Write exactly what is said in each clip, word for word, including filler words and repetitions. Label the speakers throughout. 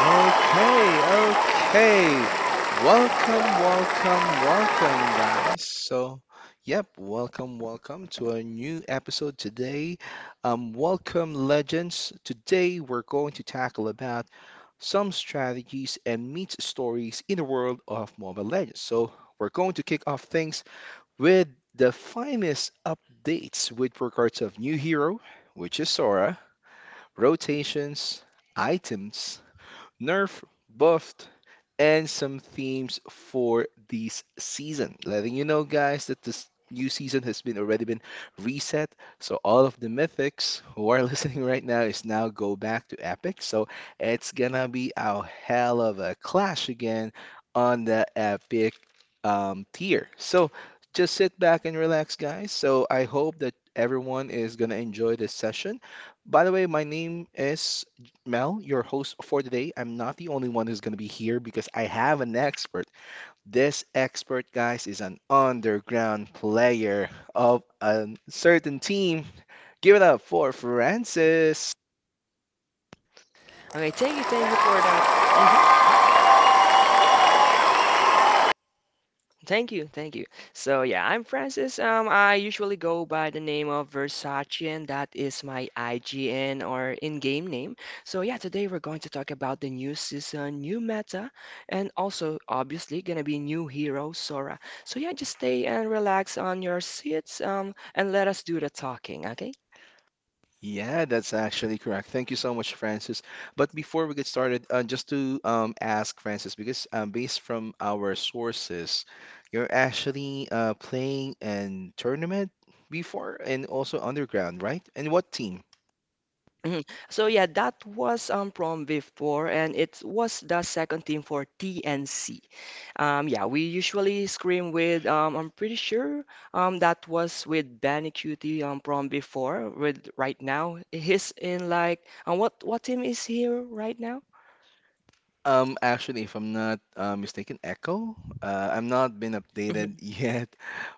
Speaker 1: Okay, okay. Welcome, welcome, welcome, guys. So, yep, welcome, welcome to a new episode today. Um, welcome, legends. Today, we're going to tackle about some strategies and myth stories in the world of Mobile Legends. So, we're going to kick off things with the finest updates with regards of new hero, which is Sora, rotations, items nerf, buffed, and some themes for this season. Letting you know, guys, that this new season has been already been reset. So all of the mythics who are listening right now is now go back to epic. So it's gonna be a hell of a clash again on the epic um, tier. So just sit back and relax, guys. So I hope that everyone is gonna enjoy this session. By the way, my name is Mel, your host for today. I'm not the only one who's going to be here because I have an expert. This expert, guys, is an underground player of a certain team. Give it up for Francis.
Speaker 2: Okay, thank you, thank you for that. hmm Thank you, thank you. So yeah, I'm Francis. Um, I usually go by the name of Versace, and that is my I G N or in-game name. So yeah, today we're going to talk about the new season, new meta, and also obviously gonna be new hero Sora. So yeah, just stay and relax on your seats, um, and let us do the talking. Okay.
Speaker 1: Yeah, that's actually correct. Thank you so much, Francis. But before we get started, uh, just to um, ask Francis, because um, based from our sources, you're actually uh, playing in tournament before and also underground, right? And what team?
Speaker 2: Mhm. So yeah, that was um from before, and it was the second team for T N C. Um, yeah, we usually scream with um, I'm pretty sure um that was with Benny Cutie um from before. With right now, he's in like um, what what team is he right now?
Speaker 1: Um, actually, if I'm not uh, mistaken, Echo. Uh, I'm not been updated yet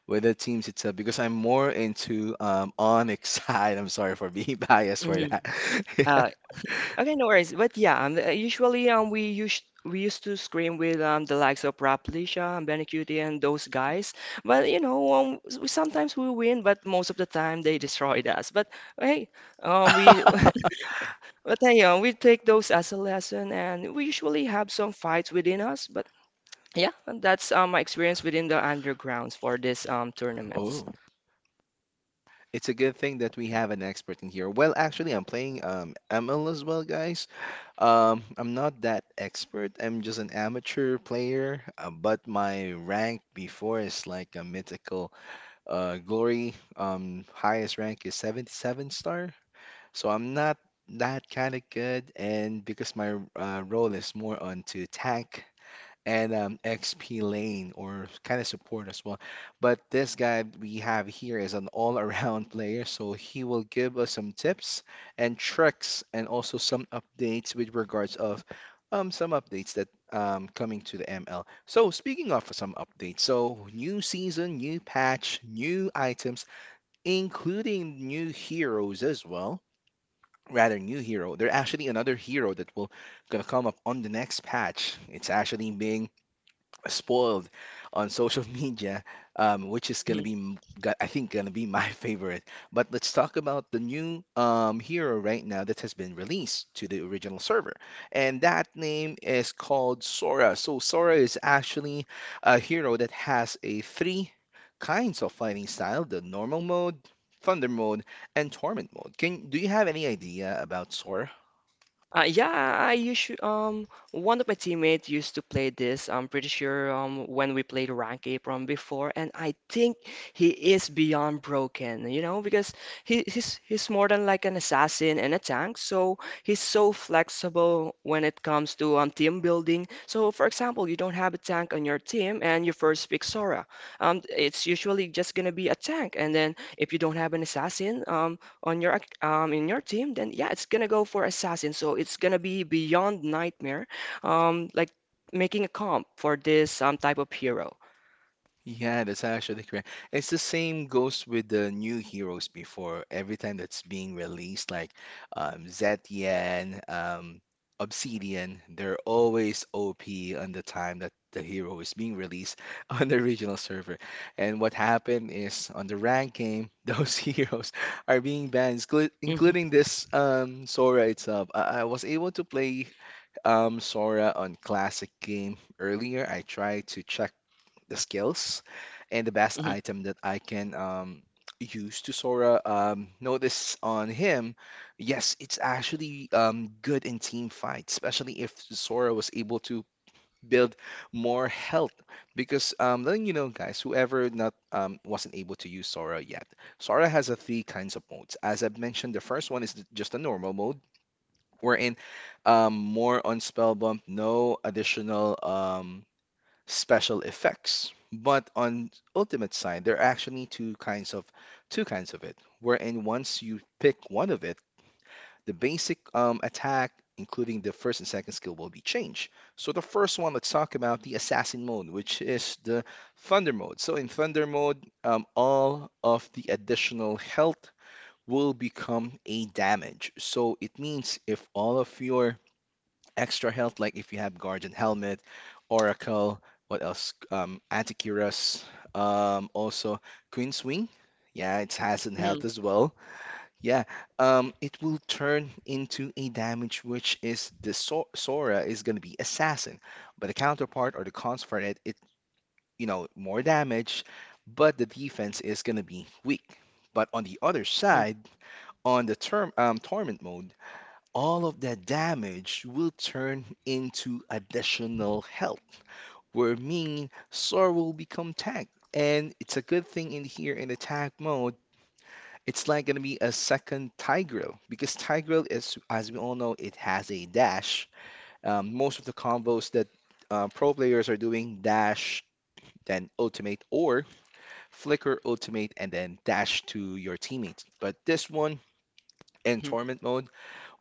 Speaker 1: with the teams itself because I'm more into um Onyx side. I'm sorry for being biased for
Speaker 2: Mm-hmm.
Speaker 1: that. Yeah.
Speaker 2: Okay, no worries. But yeah, um, uh, usually um, we used we used to scream with um, the likes of Raplisha and Bandicoot and those guys. But you know, um, s- we- sometimes we win, but most of the time they destroyed us. But hey, um, we but hey, um, we take those as a lesson, and we usually have some fights within us. But yeah, that's um, my experience within the undergrounds for this um tournaments.
Speaker 1: Oh, it's a good thing that we have an expert in here. Well, actually, I'm playing um M L as well, guys. Um, I'm not that expert. I'm just an amateur player, uh, but my rank before is like a mythical. Uh, Glory, um, highest rank is seventy-seven star. So I'm not that kind of good, and because my uh, role is more onto tank, and um, X P lane or kind of support as well. But this guy we have here is an all-around player, so he will give us some tips and tricks and also some updates with regards of um, some updates that um, coming to the M L. So speaking of some updates, so new season, new patch, new items, including new heroes as well. Rather new hero. They're actually another hero that will gonna come up on the next patch. It's actually being spoiled on social media, um, which is gonna be, m- go- I think, gonna be my favorite. But let's talk about the new um, hero right now that has been released to the original server, and that name is called Sora. So Sora is actually a hero that has a three kinds of fighting style: the normal mode, thunder mode, and torment mode. Can do you have any idea about Sora?
Speaker 2: Uh, yeah, I usually um one of my teammates used to play this. I'm pretty sure um when we played Rank Apron before, and I think he is beyond broken, you know, because he he's he's more than like an assassin and a tank. So he's so flexible when it comes to um team building. So for example, you don't have a tank on your team, and you first pick Sora. Um, it's usually just gonna be a tank, and then if you don't have an assassin, um on your ac- um in your team, then yeah, it's gonna go for assassin. So it's gonna be beyond nightmare, um like making a comp for this um type of hero.
Speaker 1: Yeah, that's actually correct. It's the same goes with the new heroes before. Every time that's being released, like um, Zetian, um, Obsidian, they're always O P on the time that the hero is being released on the original server. And what happened is on the rank game, those heroes are being banned, inclu-
Speaker 2: Mhm,
Speaker 1: including this um, Sora itself. I, I was able to play um, Sora on classic game earlier. I tried to check the skills and the best
Speaker 2: mhm,
Speaker 1: item that I can um, use to Sora. Um, notice on him, yes, it's actually um, good in team fights, especially if Sora was able to build more health. Because um, letting you know, guys, whoever not um, wasn't able to use Sora yet, Sora has a three kinds of modes. As I've mentioned, the first one is th- just a normal mode. Wherein um, more on spell bump, no additional um, special effects. But on Ultimate side, there are actually two kinds of two kinds of it, wherein once you pick one of it, the basic um, attack, including the first and second skill, will be changed. So the first one, let's talk about the assassin mode, which is the thunder mode. So in thunder mode, um, all of the additional health will become a damage. So it means if all of your extra health, like if you have Guardian Helmet, Oracle, what else? Um, Antiquirus, um, also Queen's Wing. Yeah, it has an
Speaker 2: mhm,
Speaker 1: health as well. Yeah, um, it will turn into a damage, which is the Sor Sora is going to be Assassin, but the counterpart or the cons for it, it you know more damage, but the defense is going to be weak. But on the other side, on the term um, torment mode, all of that damage will turn into additional health, where mean Sora will become tank. And it's a good thing in here in attack mode, it's like gonna be a second Tigreal because Tigreal is, as we all know, it has a dash. Um, most of the combos that uh, pro players are doing dash, then ultimate or flicker ultimate, and then dash to your teammates. But this one in
Speaker 2: mhm, mhm,
Speaker 1: tournament mode,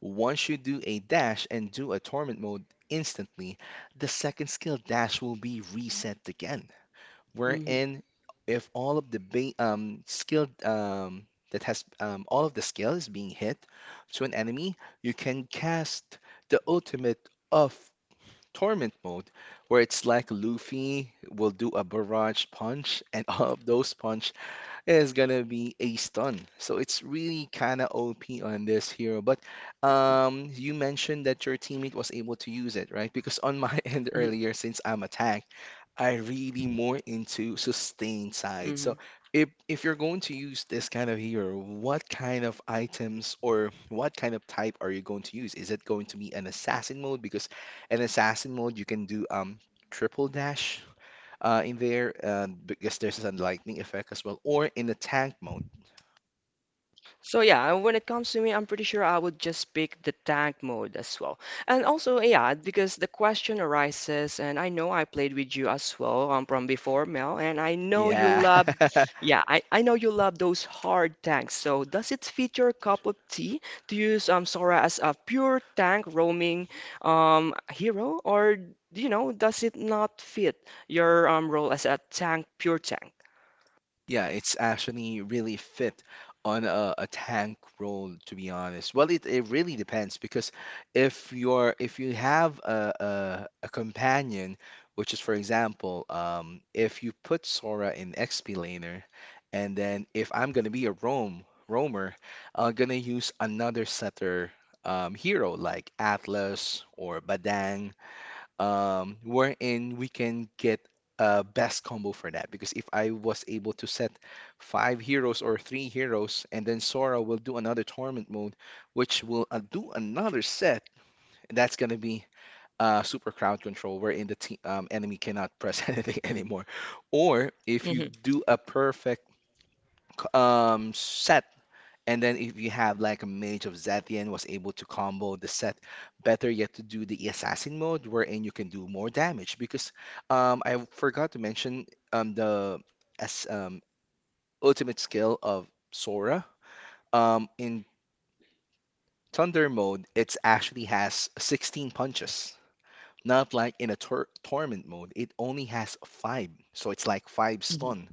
Speaker 1: once you do a dash and do a torment mode instantly, the second skill dash will be reset again.
Speaker 2: mhm,
Speaker 1: Wherein, if all of the ba um, skill um, that has um, all of the skill is being hit to an enemy, you can cast the ultimate of torment mode, where it's like Luffy will do a barrage punch, and all of those punch is gonna be a stun. So it's really kind of O P on this hero. But um, you mentioned that your teammate was able to use it, right? Because on my end
Speaker 2: mhm,
Speaker 1: earlier, since I'm attack, I really more into sustain side. So
Speaker 2: mhm,
Speaker 1: if if you're going to use this kind of hero, what kind of items or what kind of type are you going to use? Is it going to be an assassin mode? Because an assassin mode you can do um triple dash uh, in there uh, because there's a lightning effect as well, or in the tank mode.
Speaker 2: So yeah, when it comes to me, I'm pretty sure I would just pick the tank mode as well. And also, yeah, because the question arises, and I know I played with you as well um, from before, Mel, and I know you
Speaker 1: Yeah,
Speaker 2: love, yeah, I, I know you love those hard tanks. So does it fit your cup of tea to use um Sora as a pure tank roaming um hero, or you know, does it not fit your um role as a tank, pure tank?
Speaker 1: yeah, it's actually really fit on a, a tank role, to be honest. Well, it, it really depends because if you're if you have a, a, a companion, which is for example, um, if you put Sora in X P laner, and then if I'm gonna be a roam roamer, I'm gonna use another setter um, hero like Atlas or Badang um, wherein we can get a best combo for that. Because if I was able to set five heroes or three heroes, and then Sora will do another torment mode, which will uh, do another set, and that's gonna be uh, super crowd control, wherein the te- um, enemy cannot press anything anymore. Or if you
Speaker 2: hmm
Speaker 1: do a perfect c- um, set and then if you have like a mage of Zetian was able to combo the set, better yet to do the assassin mode wherein you can do more damage because um I forgot to mention um the as um ultimate skill of Sora um in Thunder mode it actually has sixteen punches. Not like in a tor torment mode. It only has five, so it's like five stun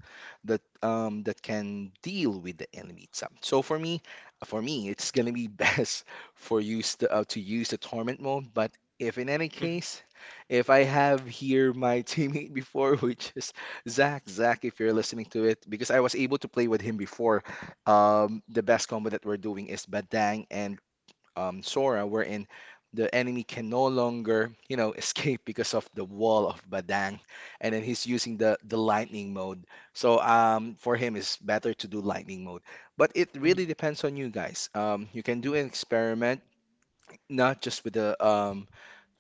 Speaker 1: that um that can deal with the enemy itself. So for me, for me, it's gonna be best for use the, uh, to use the torment mode. But if in any case, if I have here my teammate before, which is Zach, Zach, if you're listening to it, because I was able to play with him before, um, the best combo that we're doing is Badang and um, Sora, wherein the enemy can no longer, you know, escape because of the wall of Badang, and then he's using the the lightning mode. So um, for him, it's better to do lightning mode. But it
Speaker 2: hmm
Speaker 1: really depends on you guys. Um, you can do an experiment, not just with the um,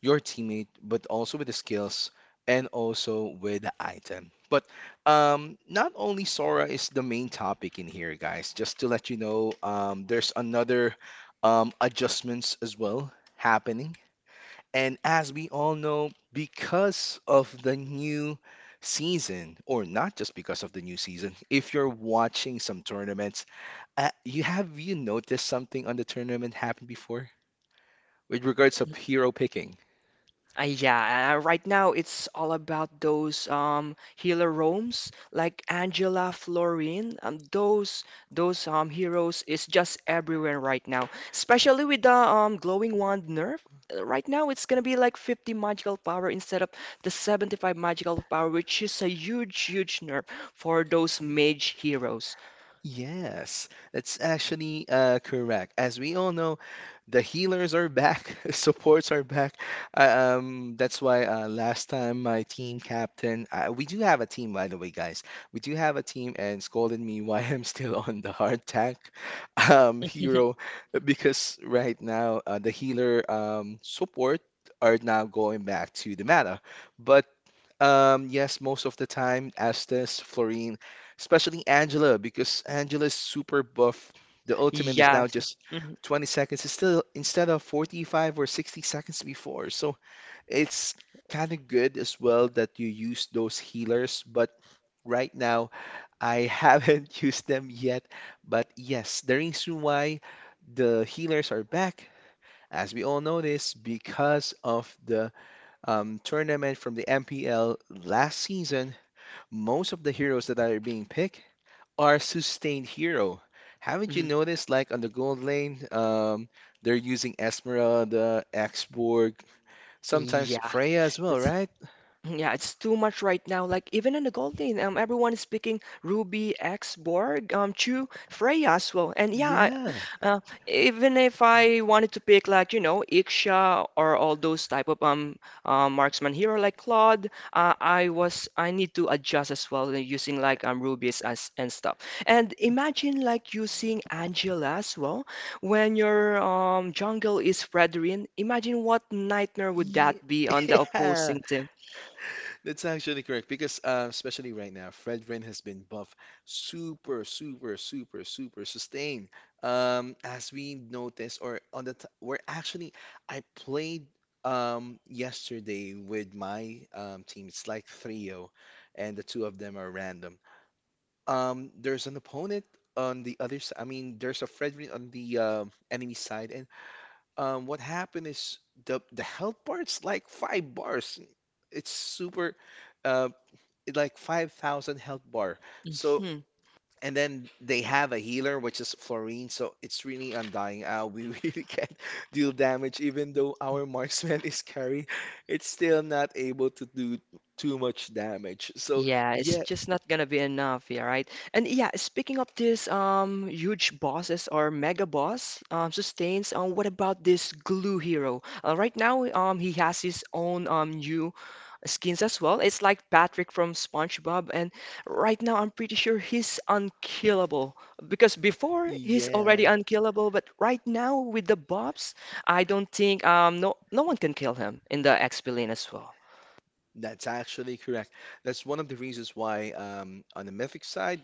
Speaker 1: your teammate, but also with the skills and also with the item. But um, not only Sora is the main topic in here, guys. Just to let you know, um, there's another um, adjustments as well happening. And as we all know, because of the new season, or not just because of the new season, if you're watching some tournaments, uh, you have you noticed something on the tournament happened before with regards of hero picking?
Speaker 2: Uh, yeah, uh, right now it's all about those um healer roams like Angela Florine. Um, those those um heroes is just everywhere right now, especially with the um glowing wand nerf. Uh, Right now it's gonna be like fifty magical power instead of the seventy-five magical power, which is a huge huge nerf for those mage heroes.
Speaker 1: Yes, that's actually uh, correct. As we all know, the healers are back, supports are back. Uh, Um, that's why uh, last time my team captain, uh, we do have a team, by the way, guys. We do have a team, and scolded me why I'm still on the hard tank, um, hero because right now uh, the healer um, support are now going back to the meta. But. Um, yes, most of the time, Estes, Florine, especially Angela, because Angela's super buff. The ultimate is
Speaker 2: Yeah.
Speaker 1: now just
Speaker 2: Mhm,
Speaker 1: twenty seconds instead instead of forty-five or sixty seconds before. So it's kind of good as well that you use those healers, but right now I haven't used them yet. But yes, the reason why the healers are back, as we all know this, because of the um, tournament from the M P L last season. Most of the heroes that are being picked are sustained hero. Haven't you
Speaker 2: mhm.
Speaker 1: noticed, like on the gold lane, um, they're using Esmeralda, Xborg, sometimes
Speaker 2: Yeah.
Speaker 1: Freya as well,
Speaker 2: It's
Speaker 1: right?
Speaker 2: Yeah, it's too much right now. Like even in the Golden, um, everyone is picking Ruby, X, Borg, um, Chu, Freya as well. And yeah, I,
Speaker 1: Yeah.
Speaker 2: uh, even if I wanted to pick like you know Iksha or all those type of um uh, marksman hero like Claude, uh, I was I need to adjust as well uh, using like um rubies as and stuff. And imagine like using Angela as well when your um jungle is Fredrin. Imagine what nightmare would
Speaker 1: Ye-
Speaker 2: that be on the
Speaker 1: Yeah.
Speaker 2: opposing team.
Speaker 1: That's actually correct because, uh, especially right now, Fred Rin has been buff super, super, super, super sustained. Um, as we noticed, or on the t we're actually, I played um yesterday with my um team. It's like trio, and the two of them are random. Um, there's an opponent on the other side. I mean, there's a Fred Rin on the um enemy side, and um, what happened is the the health bar's like five bars. It's super. Uh, like five thousand health bar. So,
Speaker 2: Mhm.
Speaker 1: and then they have a healer, which is Florine. So it's really undying. Uh, we really can't deal damage, even though our marksman is carry. It's still not able to do too much damage. So,
Speaker 2: Yeah, it's
Speaker 1: yeah,
Speaker 2: just not gonna be enough, yeah, right? And yeah, speaking of this um huge bosses or mega boss um sustains, um what about this glue hero? Uh, right now um he has his own um new skins as well. It's like Patrick from SpongeBob, and right now I'm pretty sure he's unkillable because before he's already
Speaker 1: yeah.
Speaker 2: unkillable, but right now with the bobs, I don't think um no no one can kill him in the X P lane as well.
Speaker 1: That's actually correct. That's one of the reasons why, um, on the mythic side,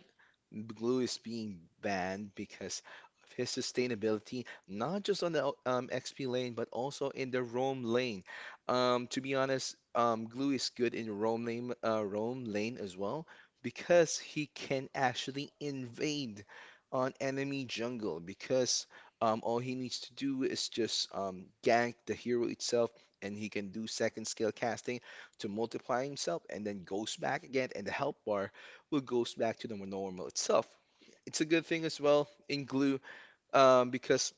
Speaker 1: glue is being banned because of his sustainability, not just on the um, X P lane, but also in the roam lane. Um, to be honest, um, glue is good in roam lane, uh, roam lane as well because he can actually invade on enemy jungle because um, all he needs to do is just um, gank the hero itself, and he can do second scale casting to multiply himself and then goes back again, and the help bar will goes back to the normal itself. It's a good thing as well in glue um, because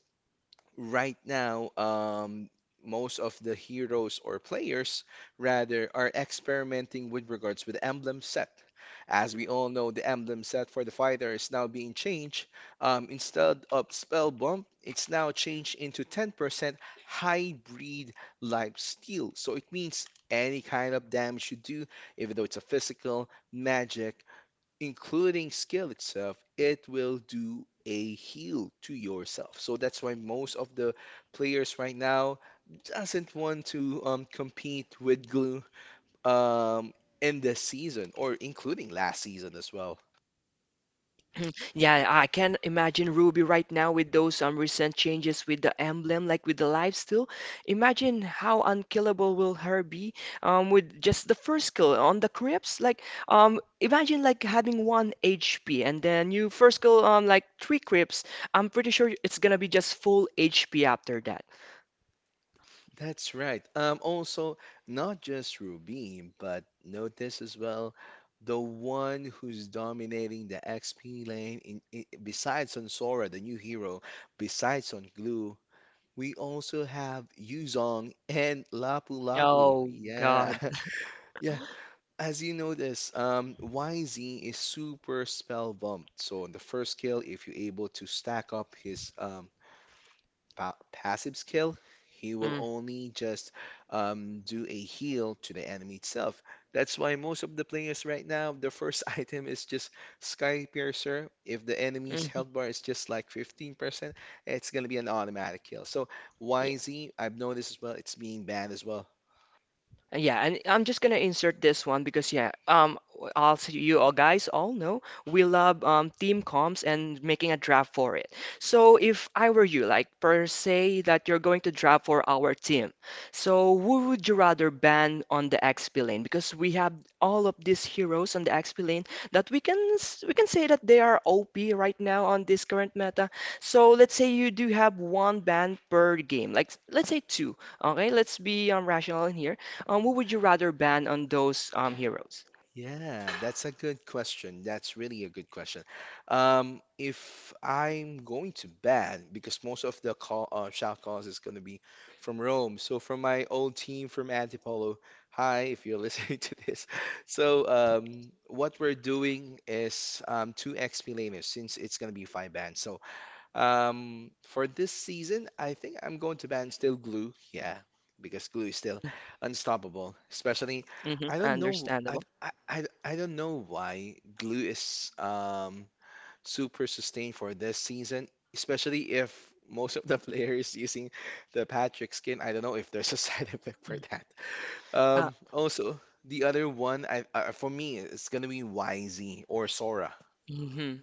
Speaker 1: right now, um, most of the heroes or players rather are experimenting with regards with the emblem set. As we all know, the emblem set for the fighter is now being changed. Um, instead of spell bump, it's now changed into ten percent hybrid life steal. So it means any kind of damage you do, even though it's a physical, magic, including skill itself, it will do a heal to yourself. So that's why most of the players right now doesn't want to um, compete with Glue um, in this season or including last season as well.
Speaker 2: Yeah, I can imagine Ruby right now with those um, recent changes with the emblem, like with the life steal. Imagine how unkillable will her be um, with just the first kill on the Crips. Like, um, imagine like having one H P and then you first kill um, like three Crips. I'm pretty sure it's gonna be just full H P after that.
Speaker 1: That's right. Um, also, not just Ruby, but notice as well the one who's dominating the X P lane in, in, besides on Sora, the new hero, besides on Glue. We also have Yuzong and Lapu Lapu.
Speaker 2: Oh
Speaker 1: Yeah.
Speaker 2: God.
Speaker 1: Yeah. As you notice, um, Y Z is super spell bumped. So on the first kill, if you're able to stack up his um, pa passive skill, he will
Speaker 2: Mm,
Speaker 1: only just um, do a heal to the enemy itself. That's why most of the players right now, the first item is just Sky Piercer. If the enemy's health bar is just like fifteen percent, it's going to be an automatic kill. So
Speaker 2: mm,
Speaker 1: Y Z, I've noticed as well, it's being banned as well.
Speaker 2: Yeah, and I'm just gonna insert this one because yeah, um, I'll see you all guys all know we love um team comps and making a draft for it. So if I were you, like per se that you're going to draft for our team, so who would you rather ban on the X P lane? Because we have all of these heroes on the X P lane that we can s- we can say that they are O P right now on this current meta. So let's say you do have one ban per game, like let's say two. Okay, let's be um rational in here. Um, who would you rather ban on those um heroes?
Speaker 1: Yeah, that's a good question. That's really a good question. Um, if I'm going to bed, because most of the call uh, shout calls is going to be from Rome. So from my old team from Antipolo, hi, if you're listening to this. So um, what we're doing is um, two X P layers since it's going to be five bands. So um, for this season, I think I'm going to ban still glue. Yeah, because glue is still unstoppable. Especially,
Speaker 2: hmm
Speaker 1: I don't know. I,
Speaker 2: Understandable.
Speaker 1: I, I, I don't know why glue is um super sustained for this season. Especially if most of the players using the Patrick skin. I don't know if there's a side effect for that.
Speaker 2: Uh,
Speaker 1: Um, also. The other one, I, uh, for me, it's gonna be Y Z or Sora.
Speaker 2: mhm.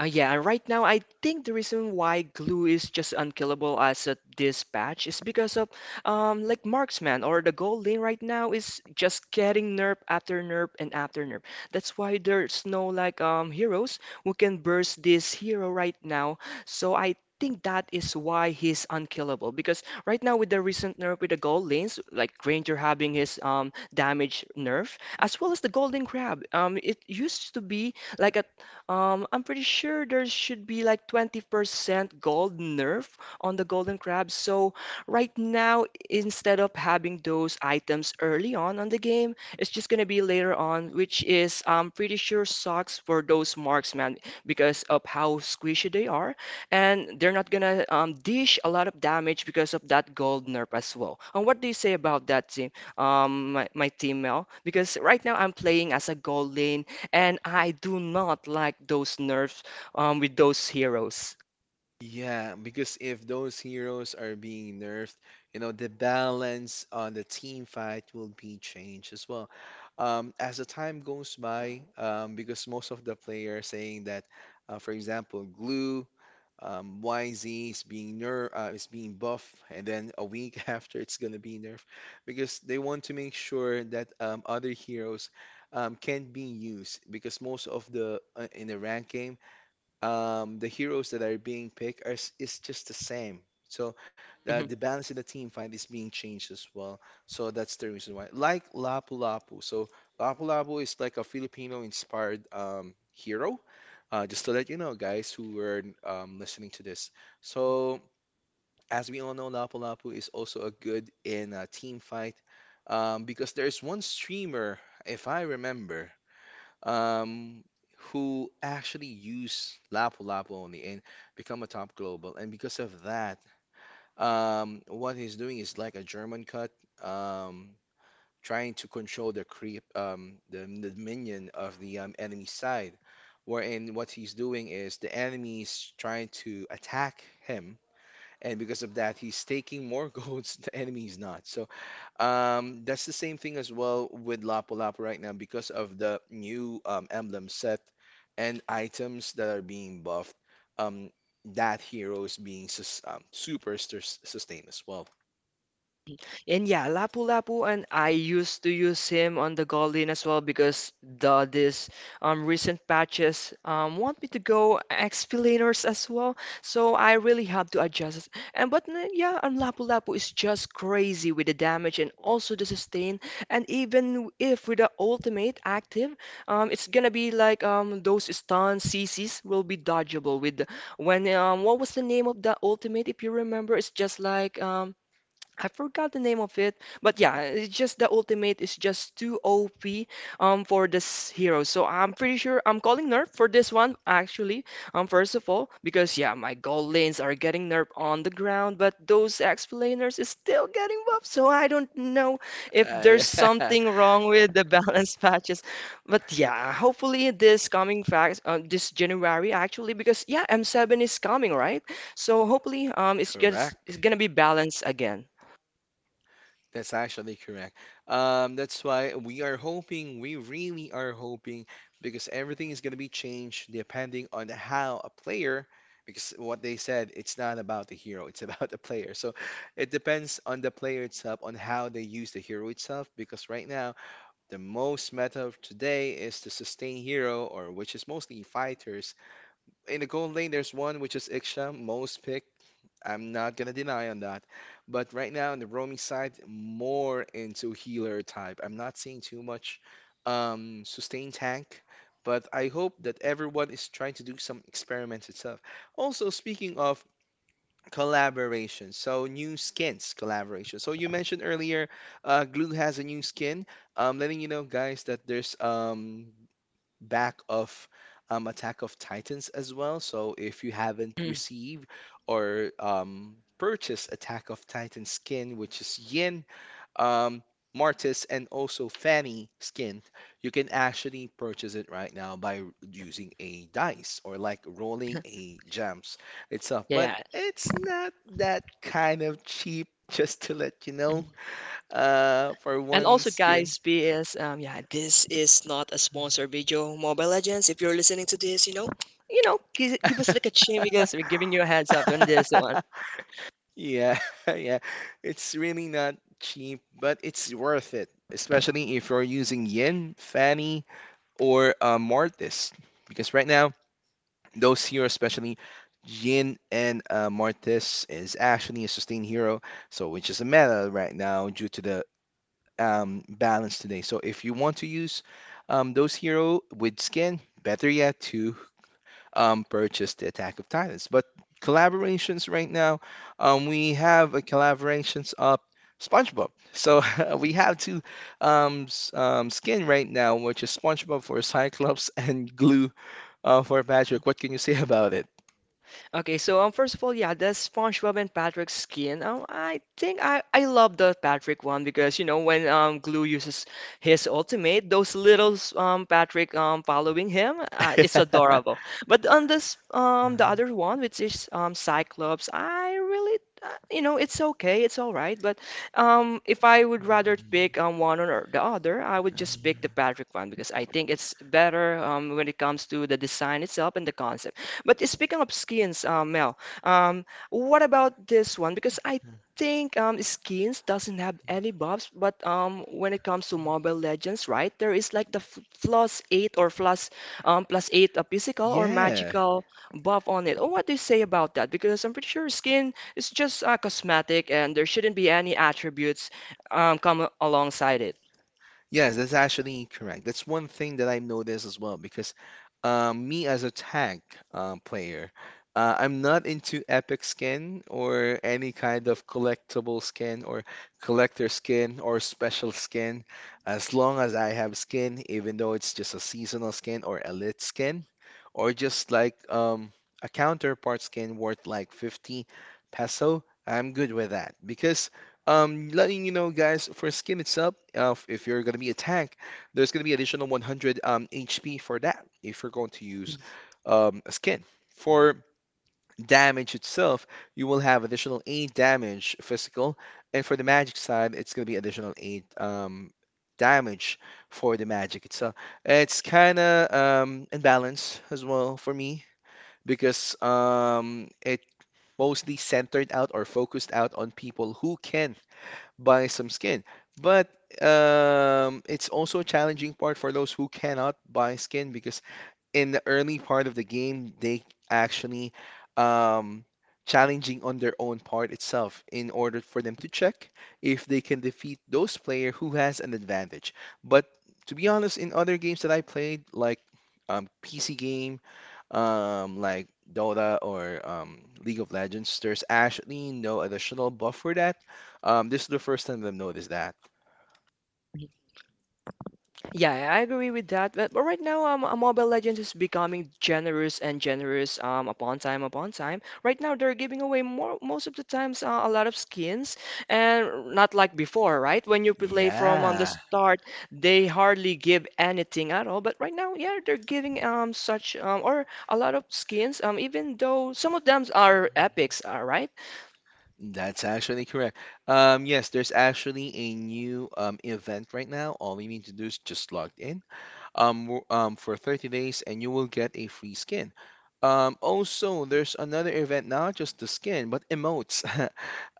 Speaker 2: Uh, yeah, and right now I think the reason why Glue is just unkillable as a this patch is because of um like Marksman or the gold lane right now is just getting nerf after nerf and after nerf. That's why there's no like um heroes who can burst this hero right now. So I think that is why he's unkillable because right now with the recent nerf with the gold lanes like Granger having his um damage nerf as well as the golden crab um it used to be like a um, I'm pretty sure there should be like twenty percent gold nerf on the golden crab. So right now, instead of having those items early on on the game, it's just gonna be later on, which is I'm pretty sure sucks for those marksmen because of how squishy they are, and they're not gonna um, dish a lot of damage because of that gold nerf as well. And what do you say about that team, um, my, my team Mel? Because right now I'm playing as a gold lane and I do not like those nerfs um, with those heroes.
Speaker 1: Yeah, because if those heroes are being nerfed, you know, the balance on the team fight will be changed as well. Um, as the time goes by, um, because most of the players saying that, uh, for example, Glue, um, Y Z is being nerf, uh, is being buffed, and then a week after it's gonna be nerfed, because they want to make sure that um, other heroes um, can be used, because most of the uh, in the rank game um, the heroes that are being picked are s- is just the same. So the, the balance in the team fight is being changed as well. So that's the reason why. Like Lapu Lapu. So Lapu Lapu is like a Filipino-inspired um, hero. Uh, just to let you know, guys who were um, listening to this. So as we all know, Lapu Lapu is also a good in a team fight um, because there's one streamer, if I remember um, who actually use Lapu Lapu only and become a top global. And because of that, um, what he's doing is like a German cut, um, trying to control the creep, um, the, the minion of the um, enemy side. Wherein what he's doing is the enemy is trying to attack him, and because of that he's taking more goals the enemy is not so um, that's the same thing as well with lapu lapu right now because of the new um, emblem set and items that are being buffed, um, that hero is being sus um, super sus- sustained as well.
Speaker 2: And yeah, Lapu-Lapu, and I used to use him on the Golden as well because the this um recent patches um want me to go X-Pilaners as well. So I really have to adjust it. And but n- yeah, and Lapu-Lapu is just crazy with the damage and also the sustain. And even if with the ultimate active, um it's gonna be like um those stun C Cs will be dodgeable with the- when um what was the name of the ultimate if you remember? It's just like um I forgot the name of it, but yeah, it's just the ultimate is just too O P um for this hero. So I'm pretty sure I'm calling nerf for this one actually. Um, first of all, because yeah, my gold lanes are getting nerf on the ground, but those explainers is still getting buffed. So I don't know if
Speaker 1: uh,
Speaker 2: there's
Speaker 1: yeah
Speaker 2: something wrong with the balance patches, but yeah, hopefully this coming fact uh, this January actually because yeah, M seven is coming right, so hopefully um it's just it's
Speaker 1: correct.
Speaker 2: gonna be balanced again.
Speaker 1: That's actually correct. Um, that's why we are hoping, we really are hoping, because everything is going to be changed depending on how a player, because what they said, it's not about the hero, it's about the player. So it depends on the player itself, on how they use the hero itself, because right now, the most meta of today is the sustain hero, or which is mostly fighters. In the gold lane, there's one which is Iksha, most pick. I'm not gonna deny on that. But right now on the roaming side, more into healer type. I'm not seeing too much um sustain tank, but I hope that everyone is trying to do some experimented stuff. Also, speaking of collaboration, so new skins collaboration. So you mentioned earlier, uh, Glue has a new skin. Um, letting you know, guys, that there's um back of um, Attack of Titans as well. So if you haven't
Speaker 2: Mm,
Speaker 1: received or um, purchased Attack of Titan skin, which is Yin, um, Martis, and also Fanny skin, you can actually purchase it right now by using a dice or like rolling a gems itself.
Speaker 2: yeah,
Speaker 1: But
Speaker 2: yeah.
Speaker 1: it's not that kind of cheap, just to let you know,
Speaker 2: Mhm.
Speaker 1: uh, for
Speaker 2: And
Speaker 1: one
Speaker 2: also,
Speaker 1: skin.
Speaker 2: guys, P S, um, yeah, this is not a sponsor video. Mobile Legends, if you're listening to this, you know, you know, give, give us like a chance because we're giving you a heads up on this. So
Speaker 1: Yeah, yeah. It's really not cheap, but it's worth it, especially if you're using Yin, Fanny, or uh, Mortis. Because right now, those heroes, especially Yin and uh, Mortis, is actually a sustained hero, so which is a meta right now due to the um, balance today. So if you want to use um, those hero with skin, better yet to um, purchase the Attack of Titans. But collaborations right now, um, we have a collaborations up SpongeBob. So we have two um, s- um, skin right now, which is SpongeBob for Cyclops and Glue uh, for Patrick. What can you say about it?
Speaker 2: okay, so um, first of all, yeah, the SpongeBob and Patrick skin. Um, I think I I love the Patrick one because you know when um Glue uses his ultimate, those little um Patrick um following him, uh, it's adorable. But on this um the other one, which is um Cyclops, I really uh, you know it's okay, it's all right. But um if I would rather pick um one or the other, I would just pick the Patrick one because I think it's better um when it comes to the design itself and the concept. But speaking of skins, um, Mel, um, what about this one? Because I think um, skins doesn't have any buffs, but um, when it comes to Mobile Legends, right, there is like the f plus eight or plus um, plus eight a physical or
Speaker 1: Yeah.
Speaker 2: magical buff on it. Oh, what do you say about that? Because I'm pretty sure skin is just uh, cosmetic, and there shouldn't be any attributes um, come alongside it.
Speaker 1: Yes, that's actually correct. That's one thing that I've noticed as well because um, me as a tank um, player, uh, I'm not into epic skin or any kind of collectible skin or collector skin or special skin. As long as I have skin, even though it's just a seasonal skin or elite skin, or just like um, a counterpart skin worth like fifty peso, I'm good with that because um, letting you know, guys, for skin it's up. Uh, if if you're gonna be a tank, there's gonna be additional one hundred um, H P for that. If you're going to use um, a skin for damage itself, you will have additional eight damage physical, and for the magic side, it's gonna be additional eight um, damage for the magic itself. It's kind of um, imbalanced as well for me because um, it mostly centered out or focused out on people who can buy some skin. But um, it's also a challenging part for those who cannot buy skin because in the early part of the game, they actually um, challenging on their own part itself in order for them to check if they can defeat those player who has an advantage. But to be honest, in other games that I played, like um, P C game, um, like Dota or um, League of Legends, there's actually no additional buff for that. Um, this is the first time that I've noticed that.
Speaker 2: Yeah, I agree with that. But but right now, um, uh, Mobile Legends is becoming generous and generous um, upon time upon time. Right now, they're giving away more most of the times uh, a lot of skins, and not like before, right? When you play from on the
Speaker 1: Yeah.
Speaker 2: start, they hardly give anything at all. But right now, yeah, they're giving um such um or a lot of skins. Um, even though some of them are epics, uh, right?
Speaker 1: That's actually correct. Um, yes, there's actually a new um, event right now. All you need to do is just log in um, w- um, for thirty days and you will get a free skin. Um, also, there's another event, not just the skin, but emotes.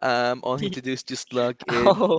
Speaker 1: um, All you need to do is just log in.
Speaker 2: Oh,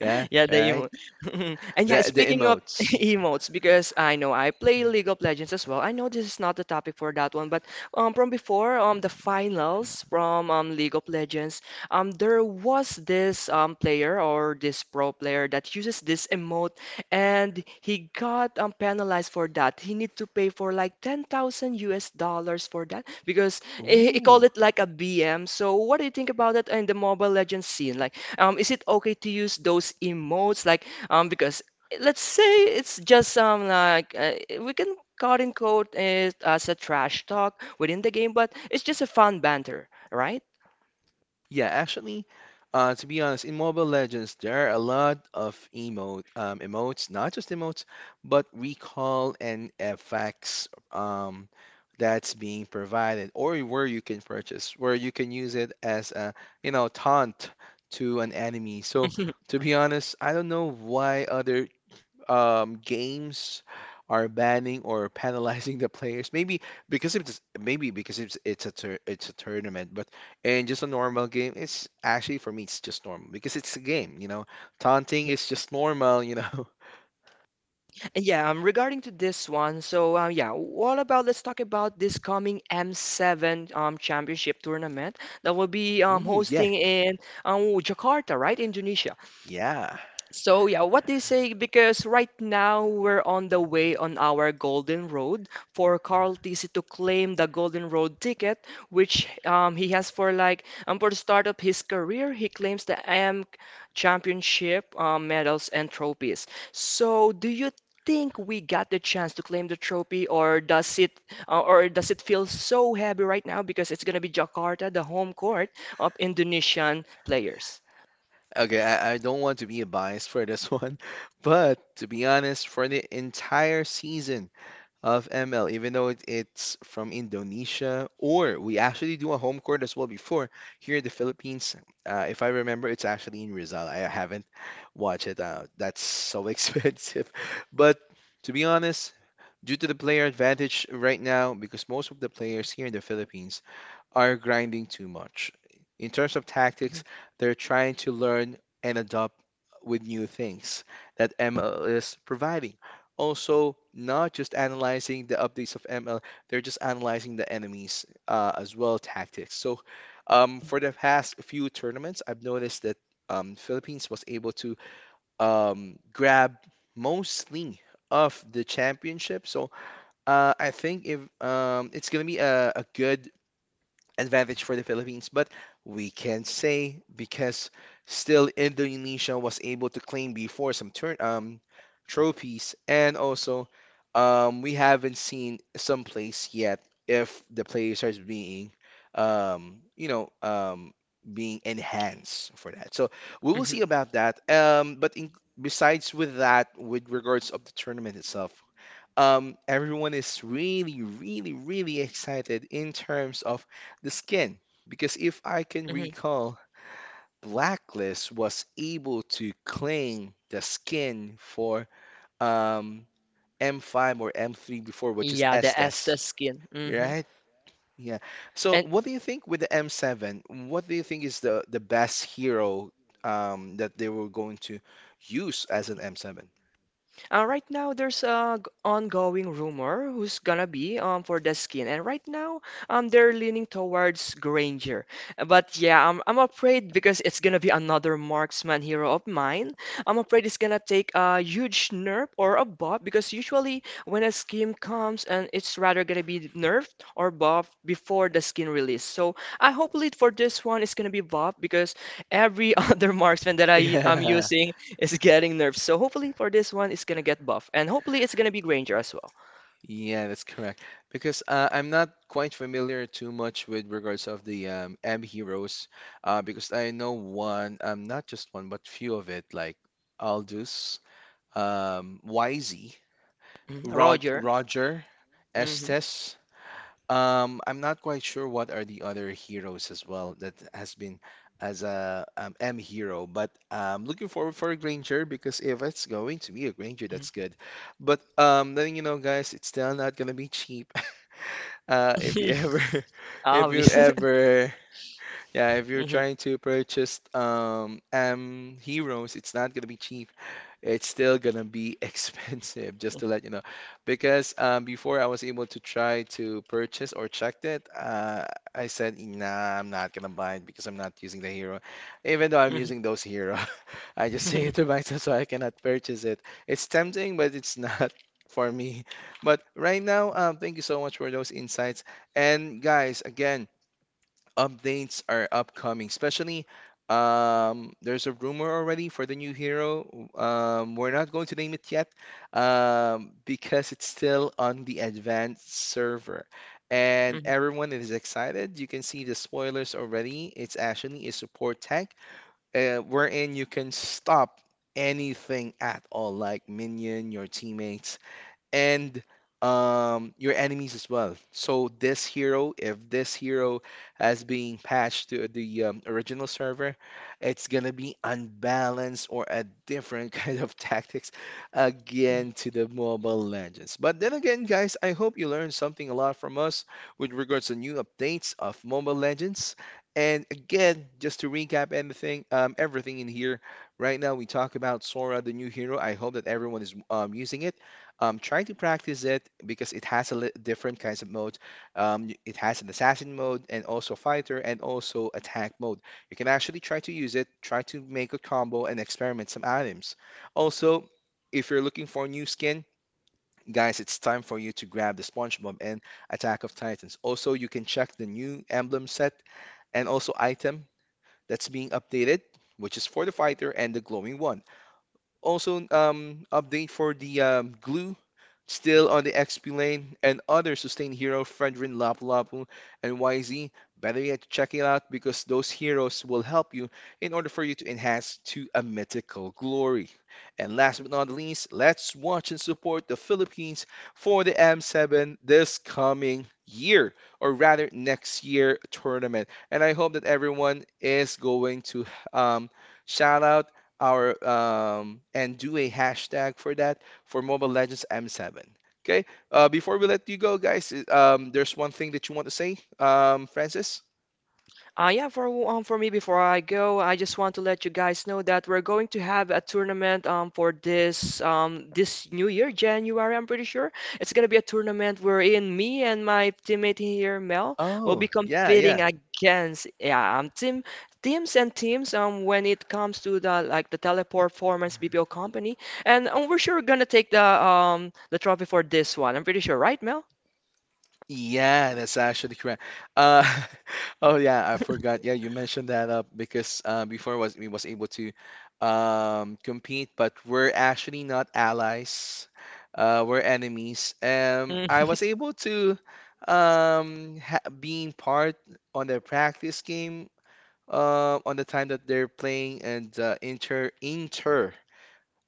Speaker 1: Yeah,
Speaker 2: yeah, the
Speaker 1: right?
Speaker 2: emote. And yeah,
Speaker 1: The, the
Speaker 2: speaking of
Speaker 1: emotes.
Speaker 2: emotes, because I know I play League of Legends as well. I know this is not the topic for that one, but um, from before um the finals from um League of Legends, um there was this um player or this pro player that uses this emote, and he got um penalized for that. He need to pay for like ten thousand US dollars US dollars for that because he, he called
Speaker 1: Ooh.
Speaker 2: it like a B M. So what do you think about that in the Mobile Legends scene? Like um, is it okay to use those emotes? Like, um, because let's say it's just um like uh, we can quote unquote it as a trash talk within the game, but it's just a fun banter, right?
Speaker 1: Yeah, actually, uh, to be honest, in Mobile Legends, there are a lot of emote, um, emotes, not just emotes, but recall and effects um, that's being provided, or where you can purchase, where you can use it as a, you know, taunt to an enemy. So, to be honest, I don't know why other um, games are banning or penalizing the players. Maybe because it's maybe because it's it's a tur it's a tournament, but in just a normal game, it's actually for me it's just normal because it's a game, you know. Taunting is just normal, you know.
Speaker 2: Yeah, um, regarding to this one, so uh, yeah, what about let's talk about this coming M seven um championship tournament that will be um
Speaker 1: Ooh, yeah,
Speaker 2: hosting in um Jakarta, right, Indonesia.
Speaker 1: yeah.
Speaker 2: So yeah, what do you say? Because right now we're on the way on our Golden Road for Carl Tisi to claim the Golden Road ticket, which um, he has for like um, for the start of his career, he claims the A M Championship uh, medals and trophies. So do you think we got the chance to claim the trophy, or does it uh, or does it feel so heavy right now because it's gonna be Jakarta, the home court of Indonesian players?
Speaker 1: Okay, I, I don't want to be biased for this one, but to be honest, for the entire season of M L, even though it, it's from Indonesia, or we actually do a home court as well before here in the Philippines. Uh, if I remember, it's actually in Rizal. I haven't watched it. Uh, that's so expensive. But to be honest, due to the player advantage right now, because most of the players here in the Philippines are grinding too much. In terms of tactics, they're trying to learn and adopt with new things that M L is providing. Also, not just analyzing the updates of M L, they're just analyzing the enemies uh, as well tactics. So, um, for the past few tournaments, I've noticed that um, Philippines was able to um, grab mostly of the championship. So, uh, I think if um, it's gonna be a, a good advantage for the Philippines, but we can say because still Indonesia was able to claim before some turn um trophies, and also um we haven't seen some place yet if the players are being um you know um being enhanced for that. So we will
Speaker 2: Mhm,
Speaker 1: see about that. Um, but in, besides with that, with regards of the tournament itself um, everyone is really, really, really excited in terms of the skin. Because if I can
Speaker 2: mhm,
Speaker 1: recall, Blacklist was able to claim the skin for um, M five or M three before, which is
Speaker 2: Yeah, the
Speaker 1: Estes,
Speaker 2: Estes skin. hmm
Speaker 1: right? Yeah. So,
Speaker 2: And
Speaker 1: what do you think with the M seven? What do you think is the, the best hero um, that they were going to use as an M seven?
Speaker 2: Uh, right now, there's a g- ongoing rumor who's gonna be um for the skin, and right now, um, they're leaning towards Granger. Uh, But yeah, I'm I'm afraid because it's gonna be another marksman hero of mine. I'm afraid it's gonna take a huge nerf or a buff because usually when a skin comes, and it's rather gonna be nerfed or buffed before the skin release. So I hopefully for this one, it's gonna be buffed because every other marksman that I am
Speaker 1: Yeah.
Speaker 2: using is getting nerfed. So hopefully for this one, it's gonna get buff, and hopefully it's gonna be Granger as well.
Speaker 1: Yeah, that's correct. Because uh, I'm not quite familiar too much with regards of the um, M heroes, uh, because I know one, um, not just one, but few of it, like Aldous, um, Y Z,
Speaker 2: Mhm,
Speaker 1: Rod
Speaker 2: Roger.
Speaker 1: Roger,
Speaker 2: hmm
Speaker 1: Estes. Um, I'm not quite sure what are the other heroes as well that has been as a um, M hero, but I'm looking forward for a Granger because if it's going to be a Granger, that's good. But um, letting you know, guys, it's still not gonna be cheap. Uh, if you ever, If you
Speaker 2: Obvious.
Speaker 1: ever, yeah, if you're
Speaker 2: hmm
Speaker 1: trying to purchase um M heroes, it's not gonna be cheap, it's still gonna be expensive, just to let you know. Because um, before I was able to try to purchase or check it, uh, I said, nah, I'm not gonna buy it because I'm not using the hero. Even though I'm using those hero, I just say it to myself so I cannot purchase it. It's tempting, but it's not for me. But right now, um, thank you so much for those insights. And guys, again, updates are upcoming, especially um, there's a rumor already for the new hero. Um, we're not going to name it yet um, because it's still on the advanced server. And
Speaker 2: hmm
Speaker 1: everyone is excited. You can see the spoilers already. It's actually a support tank uh, wherein you can stop anything at all, like minion, your teammates and um, your enemies as well. So this hero, if this hero has been patched to the um, original server, it's gonna be unbalanced or a different kind of tactics again to the Mobile Legends. But then again, guys, I hope you learned something a lot from us with regards to new updates of Mobile Legends. And again, just to recap anything, um, everything in here. Right now, we talk about Sora, the new hero. I hope that everyone is um, using it. Um, try to practice it because it has a li different kinds of modes. Um, y- it has an assassin mode and also fighter and also attack mode. You can actually try to use it, try to make a combo and experiment some items. Also, if you're looking for a new skin, guys, it's time for you to grab the SpongeBob and Attack of Titans. Also, you can check the new emblem set and also item that's being updated, which is for the fighter and the glowing one. Also, um, update for the um, glue still on the X P lane and other sustained hero Friendrin, Lapu Lapu, and Y Z. Better yet, check it out because those heroes will help you in order for you to enhance to a mythical glory. And last but not least, let's watch and support the Philippines for the M seven this coming year, or rather next year tournament. And I hope that everyone is going to um, shout out our um, and do a hashtag for that for Mobile Legends M seven. Okay. Uh, before we let you go, guys, i- um, there's one thing that you want to say, um, Francis.
Speaker 2: Uh, yeah, for um, for me before I go, I just want to let you guys know that we're going to have a tournament um for this um this new year, January, I'm pretty sure. It's gonna be a tournament wherein me and my teammate here, Mel, will be
Speaker 1: Oh, yeah,
Speaker 2: competing
Speaker 1: yeah.
Speaker 2: against yeah um team teams and teams um when it comes to the like the teleperformance B P O company, and um, we're sure gonna take the um the trophy for this one. I'm pretty sure, right, Mel?
Speaker 1: Yeah, that's actually correct. Uh, oh yeah, I forgot. Yeah, you mentioned that up because uh, before was we was able to um, compete, but we're actually not allies. Uh, we're enemies. Um, I was able to um, ha being part on their practice game uh, on the time that they're playing and uh, inter inter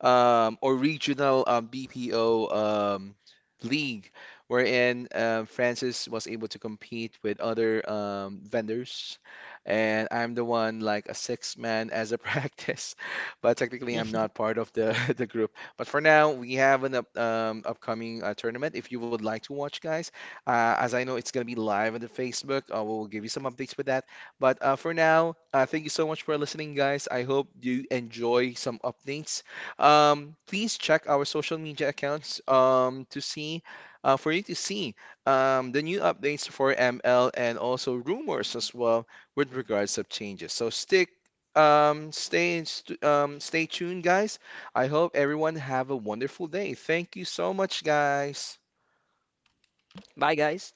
Speaker 1: um, or regional um, B P O um, league, wherein um, Francis was able to compete with other um, vendors, and I'm the one like a six man as a practice, but technically I'm not part of the the group. But for now, we have an up, um, upcoming uh, tournament. If you would like to watch, guys, uh, as I know it's gonna be live on the Facebook, uh, we'll give you some updates with that. But uh, for now, uh, thank you so much for listening, guys. I hope you enjoy some updates um, please check our social media accounts um, to see uh, for you to see um, the new updates for M L and also rumors as well with regards of changes. So stick um, stay in st um, stay tuned, guys. I hope everyone have a wonderful day. Thank you so much, guys.
Speaker 2: Bye, guys.